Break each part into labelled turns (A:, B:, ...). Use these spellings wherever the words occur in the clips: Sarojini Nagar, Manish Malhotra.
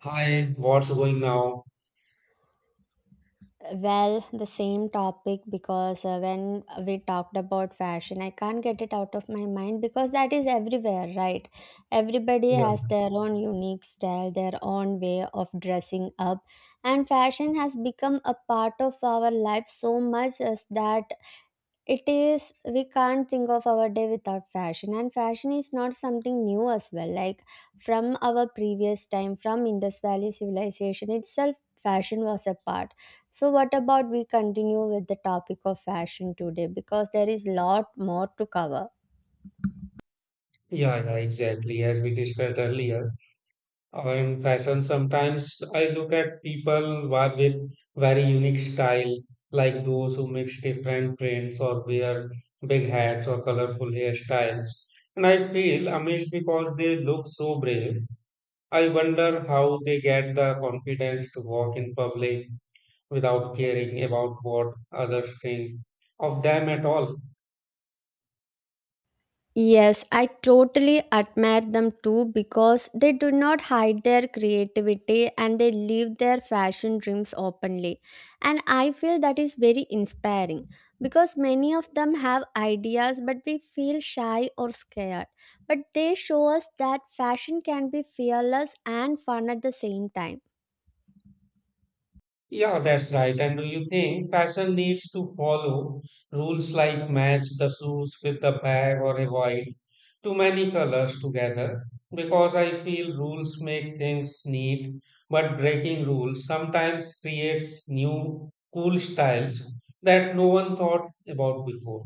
A: Hi, what's going now?
B: Well, the same topic because when we talked about fashion, I can't get it out of my mind because that is everywhere, right? Everybody
A: Yeah,
B: has their own unique style, their own way of dressing up, and fashion has become a part of our life so much as that it is, we can't think of our day without fashion, and fashion is not something new as well. Like from our previous time, from Indus Valley civilization itself, fashion was a part. So, what about we continue with the topic of fashion today? Because there is lot more to cover.
A: yeah, Exactly. As we discussed earlier, in fashion, sometimes I look at people with very unique style, like those who mix different trends or wear big hats or colorful hairstyles. And I feel amazed because they look so brave. I wonder how they get the confidence to walk in public without caring about what others think of them at all.
B: Yes, I totally admire them too because they do not hide their creativity and they live their fashion dreams openly. And I feel that is very inspiring because many of them have ideas but we feel shy or scared. But they show us that fashion can be fearless and fun at the same time.
A: Yeah, that's right. And do you think fashion needs to follow rules like match the shoes with the bag or avoid too many colors together? Because I feel rules make things neat, but breaking rules sometimes creates new cool styles that no one thought about before.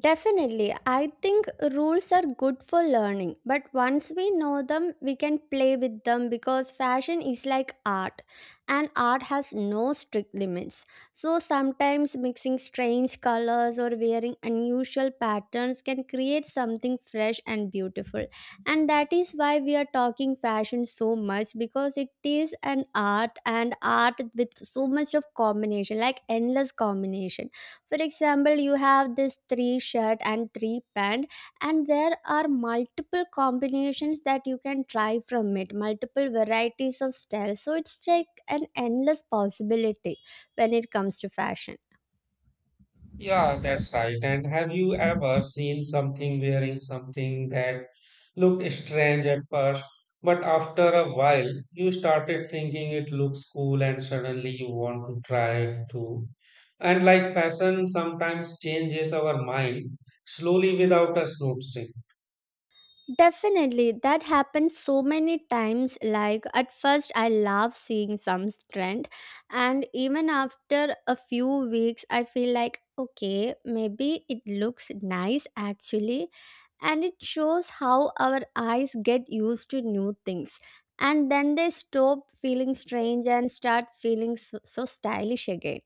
B: Definitely. I think rules are good for learning, but once we know them, we can play with them because fashion is like art and art has no strict limits. So sometimes mixing strange colors or wearing unusual patterns can create something fresh and beautiful. And that is why we are talking fashion so much because it is an art and art with so much of combination, like endless combination. For example, you have this three shirt and three pant, and there are multiple combinations that you can try from it, multiple varieties of styles, so it's like an endless possibility when it comes to fashion.
A: Yeah, that's right. And have you ever seen something wearing something that looked strange at first, but after a while you started thinking it looks cool and suddenly you want to try it too? And like fashion sometimes changes our mind slowly without us noticing.
B: Definitely, that happens so many times. Like, at first, I love seeing some trend, and even after a few weeks, I feel like, okay, maybe it looks nice actually, and it shows how our eyes get used to new things. And then they stop feeling strange and start feeling so stylish again.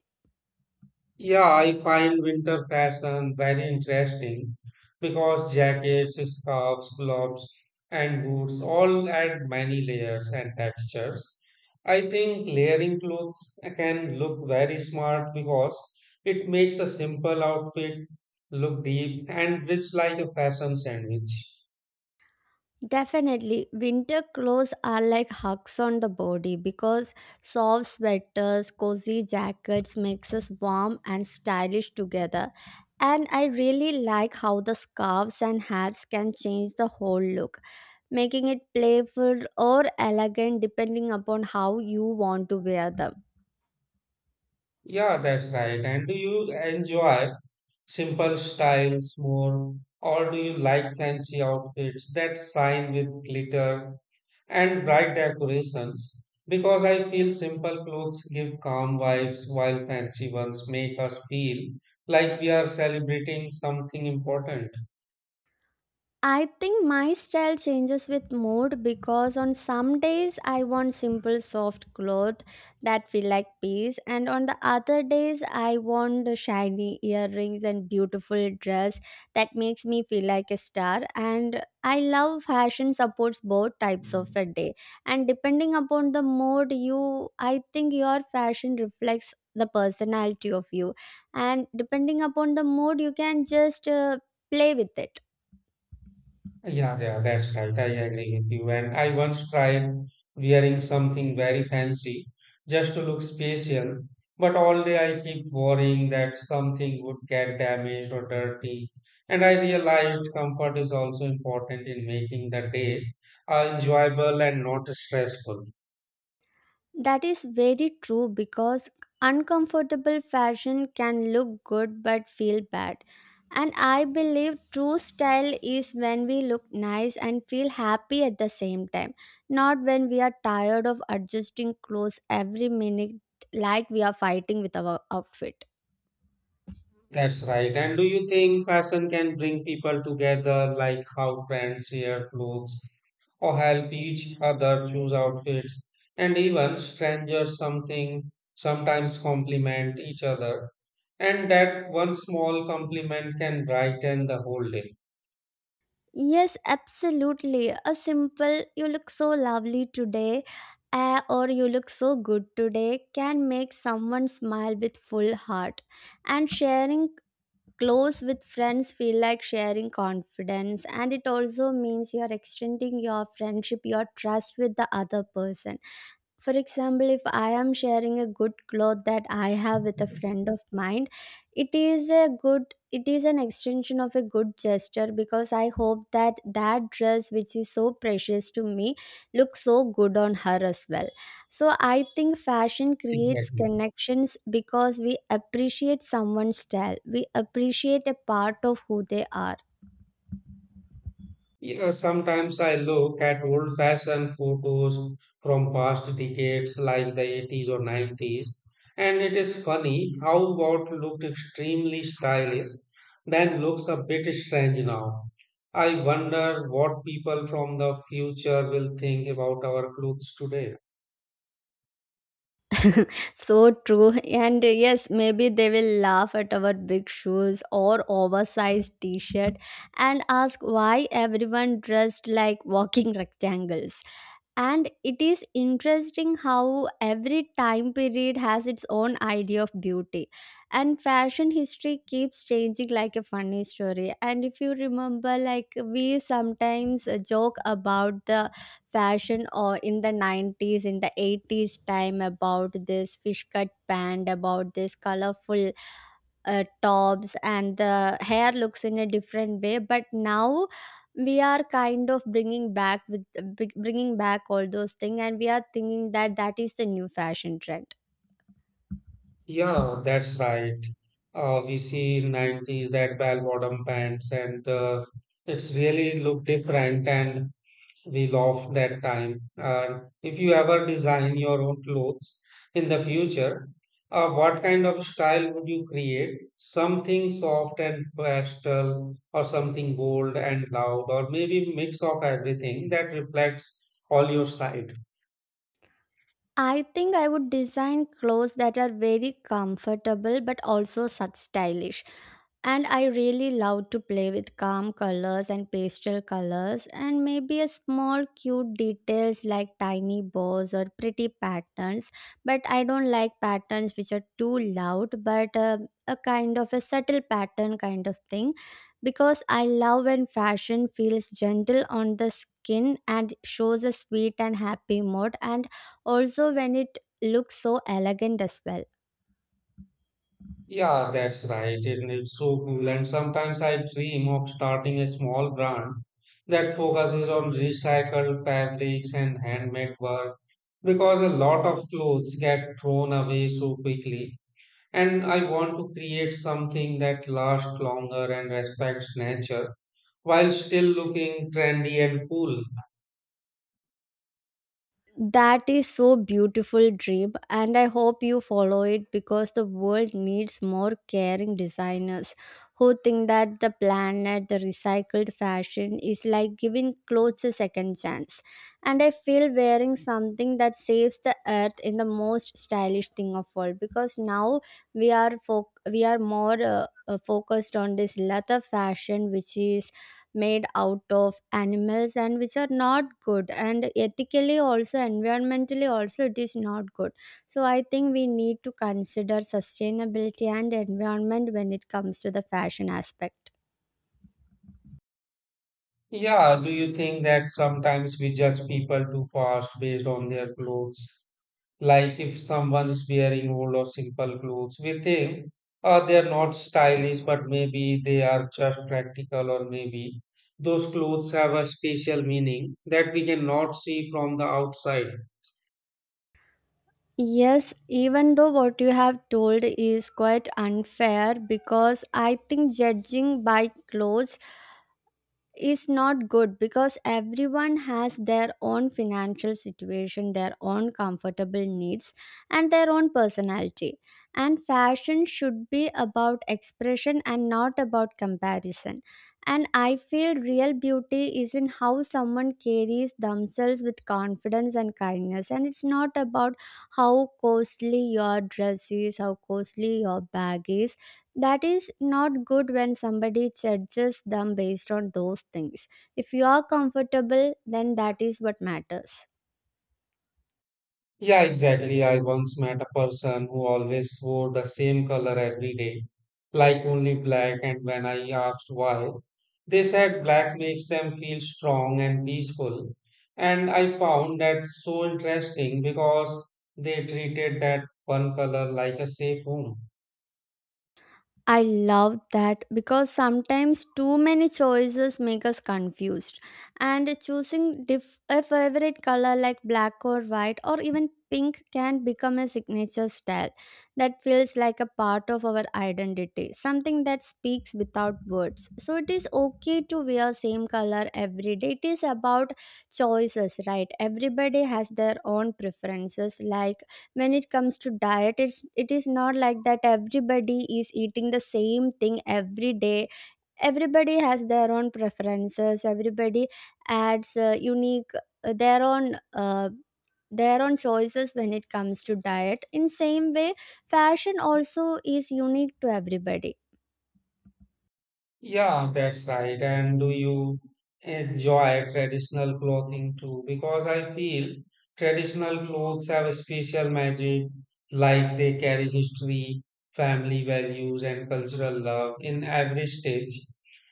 A: Yeah, I find winter fashion very interesting because jackets, scarves, gloves, and boots all add many layers and textures. I think layering clothes can look very smart because it makes a simple outfit look deep and rich like a fashion sandwich.
B: Definitely, winter clothes are like hugs on the body because soft sweaters, cozy jackets makes us warm and stylish together. And I really like how the scarves and hats can change the whole look, making it playful or elegant depending upon how you want to wear them.
A: Yeah, that's right. And do you enjoy simple styles more, or do you like fancy outfits that shine with glitter and bright decorations? Because I feel simple clothes give calm vibes while fancy ones make us feel like we are celebrating something important.
B: I think my style changes with mood because on some days I want simple soft clothes that feel like peace, and on the other days I want the shiny earrings and beautiful dress that makes me feel like a star. And I love fashion supports both types of a day, and depending upon the mood you, I think your fashion reflects the personality of you, and depending upon the mood you can just play with it.
A: Yeah, that's right. I agree with you. And I once tried wearing something very fancy just to look special, but all day I keep worrying that something would get damaged or dirty. And I realized comfort is also important in making the day enjoyable and not stressful.
B: That is very true because uncomfortable fashion can look good but feel bad. And I believe true style is when we look nice and feel happy at the same time, not when we are tired of adjusting clothes every minute like we are fighting with our outfit.
A: That's right. And do you think fashion can bring people together, like how friends share clothes or help each other choose outfits, and even strangers something sometimes compliment each other, and that one small compliment can brighten the whole day.
B: Yes, absolutely. A simple, you look so lovely today, or you look so good today, can make someone smile with full heart. And sharing clothes with friends feel like sharing confidence, and it also means you are extending your friendship, your trust with the other person. For example, if I am sharing a good cloth that I have with a friend of mine, it is a good, it is an extension of a good gesture, because I hope that that dress which is so precious to me looks so good on her as well. So I think fashion creates
A: Exactly.
B: connections because we appreciate someone's style, we appreciate a part of who they are.
A: You know, sometimes I look at old fashioned photos from past decades like the 80s or 90s, and it is funny how what looked extremely stylish then looks a bit strange now. I wonder what people from the future will think about our clothes today.
B: So true. And yes, maybe they will laugh at our big shoes or oversized t shirt and ask why everyone dressed like walking rectangles. And it is interesting how every time period has its own idea of beauty. And fashion history keeps changing like a funny story. And if you remember, like we sometimes joke about the fashion or in the 90s, in the 80s time about this fish cut pant, about this colorful tops and the hair looks in a different way, but now we are kind of bringing back with bringing back all those things, and we are thinking that that is the new fashion trend.
A: Yeah, that's right. We see in 90s that bell bottom pants and it's really look different and we love that time. And if you ever design your own clothes in the future, what kind of style would you create? Something soft and pastel, or something bold and loud, or maybe mix of everything that reflects all your side.
B: I think I would design clothes that are very comfortable but also such stylish. And I really love to play with calm colors and pastel colors and maybe a small cute details like tiny bows or pretty patterns. But I don't like patterns which are too loud, but a kind of a subtle pattern kind of thing, because I love when fashion feels gentle on the skin and shows a sweet and happy mood, and also when it looks so elegant as well.
A: Yeah, that's right. And it's so cool. And sometimes I dream of starting a small brand that focuses on recycled fabrics and handmade work because a lot of clothes get thrown away so quickly, and I want to create something that lasts longer and respects nature while still looking trendy and cool.
B: That is so beautiful dream, and I hope you follow it because the world needs more caring designers who think that the planet, the recycled fashion is like giving clothes a second chance. And I feel wearing something that saves the earth in the most stylish thing of all, because now we are foc we are more focused on this leather fashion which is made out of animals and which are not good, and ethically also, environmentally also it is not good. So I think we need to consider sustainability and environment when it comes to the fashion aspect.
A: Yeah, do you think that sometimes we judge people too fast based on their clothes? Like if someone is wearing old or simple clothes with them, they are not stylish, but maybe they are just practical, or maybe those clothes have a special meaning that we cannot see from the outside.
B: Yes, even though what you have told is quite unfair, because I think judging by clothes is not good because everyone has their own financial situation, their own comfortable needs, and their own personality. And fashion should be about expression and not about comparison. And I feel real beauty is in how someone carries themselves with confidence and kindness. And it's not about how costly your dress is, how costly your bag is. That is not good when somebody judges them based on those things. If you are comfortable, then that is what matters.
A: Yeah, exactly. I once met a person who always wore the same color every day, like only black, and when I asked why, they said black makes them feel strong and peaceful. And I found that so interesting because they treated that one color like a safe home.
B: I love that because sometimes too many choices make us confused. And choosing a favorite color like black or white or even pink can become a signature style that feels like a part of our identity, something that speaks without words. So it is okay to wear same color every day. It is about choices, right? Everybody has their own preferences. Like when it comes to diet, it is not like that everybody is eating the same thing every day. Everybody has their own preferences, everybody adds unique their own choices when it comes to diet. In same way, fashion also is unique to everybody.
A: Yeah, that's right. And do you enjoy traditional clothing too? Because I feel traditional clothes have a special magic, like they carry history, family values, and cultural love in every stitch.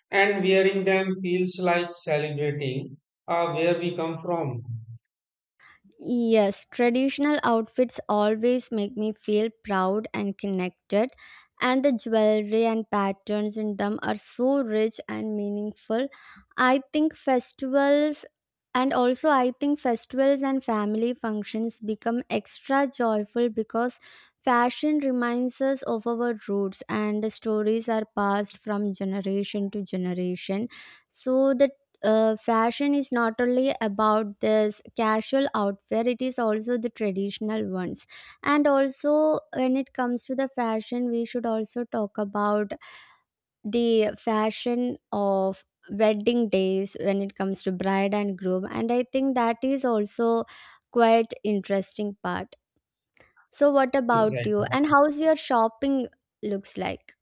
A: And wearing them feels like celebrating where we come from.
B: Yes, traditional outfits always make me feel proud and connected, and the jewelry and patterns in them are so rich and meaningful. I think festivals I think festivals and family functions become extra joyful because fashion reminds us of our roots and the stories are passed from generation to generation. So the fashion is not only about this casual outfit, it is also the traditional ones. And also when it comes to the fashion, we should also talk about the fashion of wedding days when it comes to bride and groom, and I think that is also quite interesting part. So what about you,
A: Exactly.
B: and how's your shopping looks like?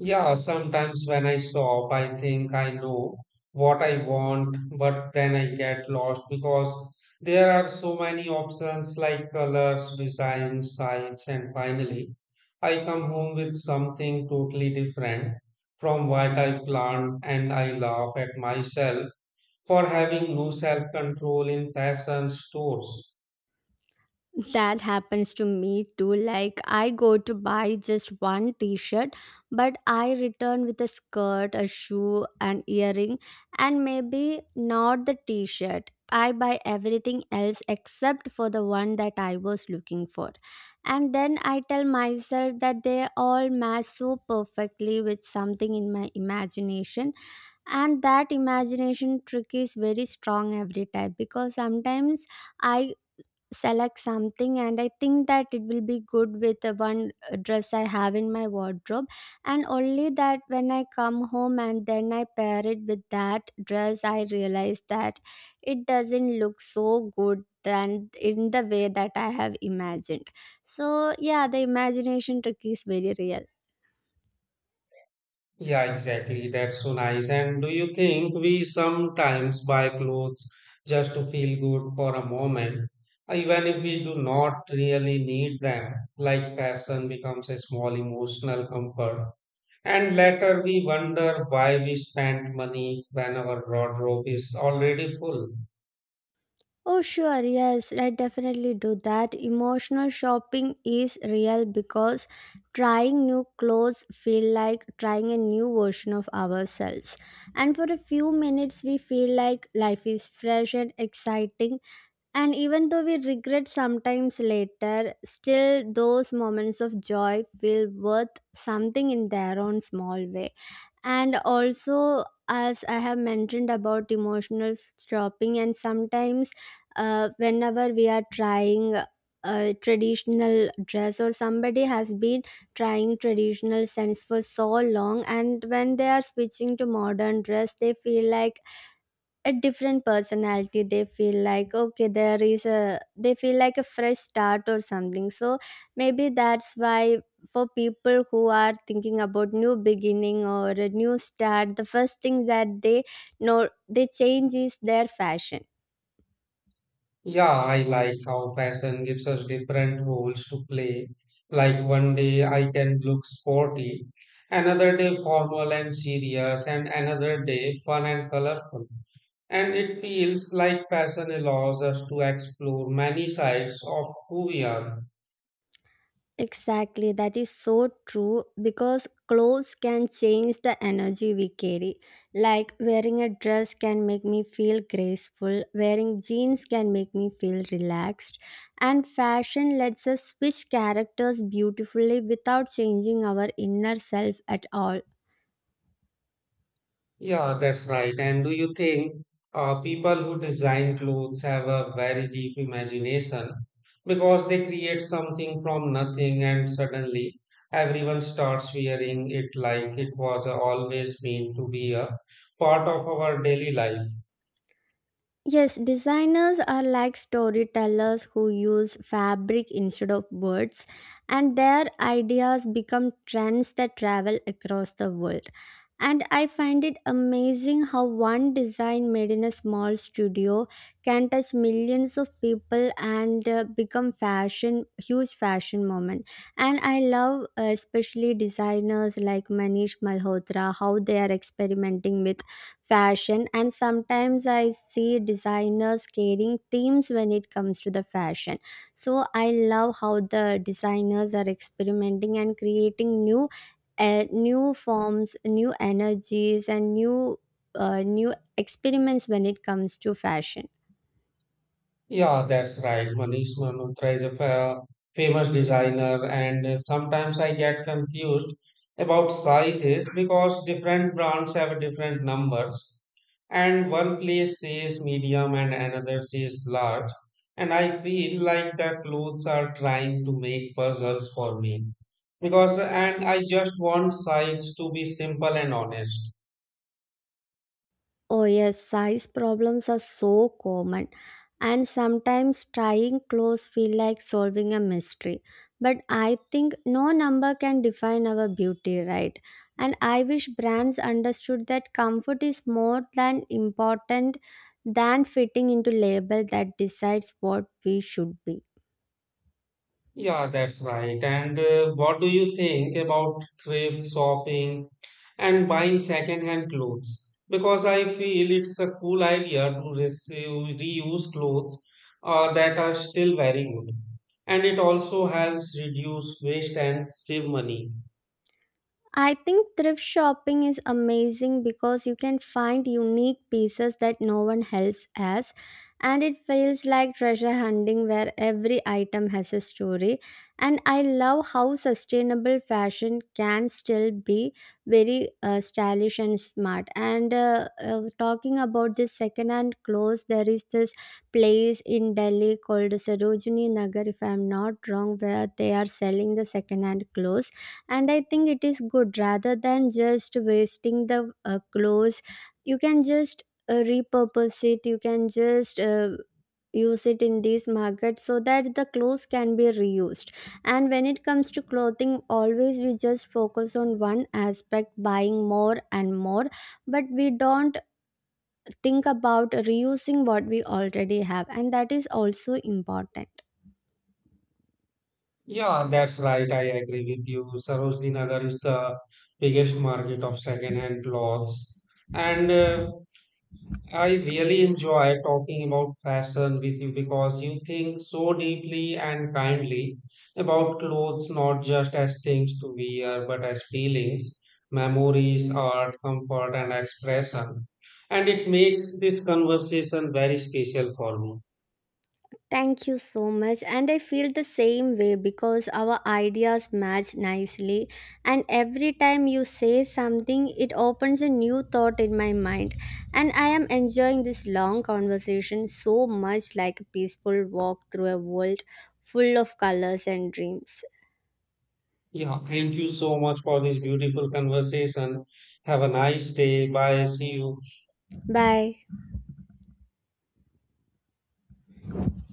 A: Yeah, sometimes when I shop, I think I know what I want, but then I get lost because there are so many options like colors, designs, size, and finally I come home with something totally different from what I planned, and I laugh at myself for having no self-control in fashion stores.
B: That happens to me too. Like, I go to buy just one t shirt, but I return with a skirt, a shoe, an earring, and maybe not the t shirt. I buy everything else except for the one that I was looking for. And then I tell myself that they all match so perfectly with something in my imagination. And that imagination trick is very strong every time, because sometimes I select something and I think that it will be good with the one dress I have in my wardrobe, and only that when I come home and then I pair it with that dress I realize that it doesn't look so good than in the way that I have imagined. So yeah, the imagination trick is very real.
A: Yeah, exactly. That's so nice. And do you think we sometimes buy clothes just to feel good for a moment, even if we do not really need them? Like fashion becomes a small emotional comfort. And later we wonder why we spent money when our wardrobe is already full.
B: Oh, sure, yes, I definitely do that. Emotional shopping is real because trying new clothes feel like trying a new version of ourselves. And for a few minutes we feel like life is fresh and exciting. And even though we regret sometimes later, still those moments of joy feel worth something in their own small way. And also, as I have mentioned about emotional stopping, and sometimes whenever we are trying a traditional dress, or somebody has been trying traditional scents for so long, and when they are switching to modern dress they feel like a different personality. They feel like, okay, there is a, they feel like a fresh start or something. So maybe that's why, for people who are thinking about new beginning or a new start, the first thing that they know they change is their fashion.
A: Yeah, I like how fashion gives us different roles to play. Like one day I can look sporty, another day formal and serious, and another day fun and colorful. And it feels like fashion allows us to explore many sides of who we are.
B: Exactly, that is so true because clothes can change the energy we carry. Like wearing a dress can make me feel graceful, wearing jeans can make me feel relaxed, and fashion lets us switch characters beautifully without changing our inner self at all.
A: Yeah, that's right. And do you think people who design clothes have a very deep imagination because they create something from nothing and suddenly everyone starts wearing it like it was always meant to be a part of our daily life?
B: Yes, designers are like storytellers who use fabric instead of words, and their ideas become trends that travel across the world. And I find it amazing how one design made in a small studio can touch millions of people and become fashion huge fashion moment. And I love especially designers like Manish Malhotra, how they are experimenting with fashion, and sometimes I see designers carrying themes when it comes to the fashion. So I love how the designers are experimenting and creating new new forms, new energies, and new new experiments when it comes to fashion.
A: Yeah, that's right. Manish Malhotra is a famous designer, and sometimes I get confused about sizes because different brands have different numbers. And one place says medium and another says large, and I feel like the clothes are trying to make puzzles for me because and I just want size to be simple and honest.
B: Oh, yes, size problems are so common, and sometimes trying clothes feel like solving a mystery. But I think no number can define our beauty, right? And I wish brands understood that comfort is more than important than fitting into label that decides what we should be.
A: Yeah, that's right. And what do you think about thrift shopping and buying second-hand clothes? Because I feel it's a cool idea to reuse clothes that are still very good. And it also helps reduce waste and save money.
B: I think thrift shopping is amazing because you can find unique pieces that no one else has, and it feels like treasure hunting where every item has a story. And I love how sustainable fashion can still be very stylish and smart. And talking about this hand clothes, there is this place in Delhi called Sarojini Nagar, if I'm not wrong, where they are selling the second-hand clothes. And I think it is good, rather than just wasting the clothes, you can just repurpose it, you can just use it in these markets so that the clothes can be reused. And when it comes to clothing, always we just focus on one aspect, buying more and more, but we don't think about reusing what we already have, and that is also important.
A: Yeah, that's right. I agree with you. Sarojini Nagar is the biggest market of second-hand clothes. And I really enjoy talking about fashion with you because you think so deeply and kindly about clothes, not just as things to wear, but as feelings, memories, art, comfort, and expression. And it makes this conversation very special for me.
B: Thank you so much. And I feel the same way because our ideas match nicely. And every time you say something, it opens a new thought in my mind. And I am enjoying this long conversation so much, like a peaceful walk through a world full of colors and dreams.
A: Yeah, thank you so much for this beautiful conversation. Have a nice day. Bye. See you.
B: Bye.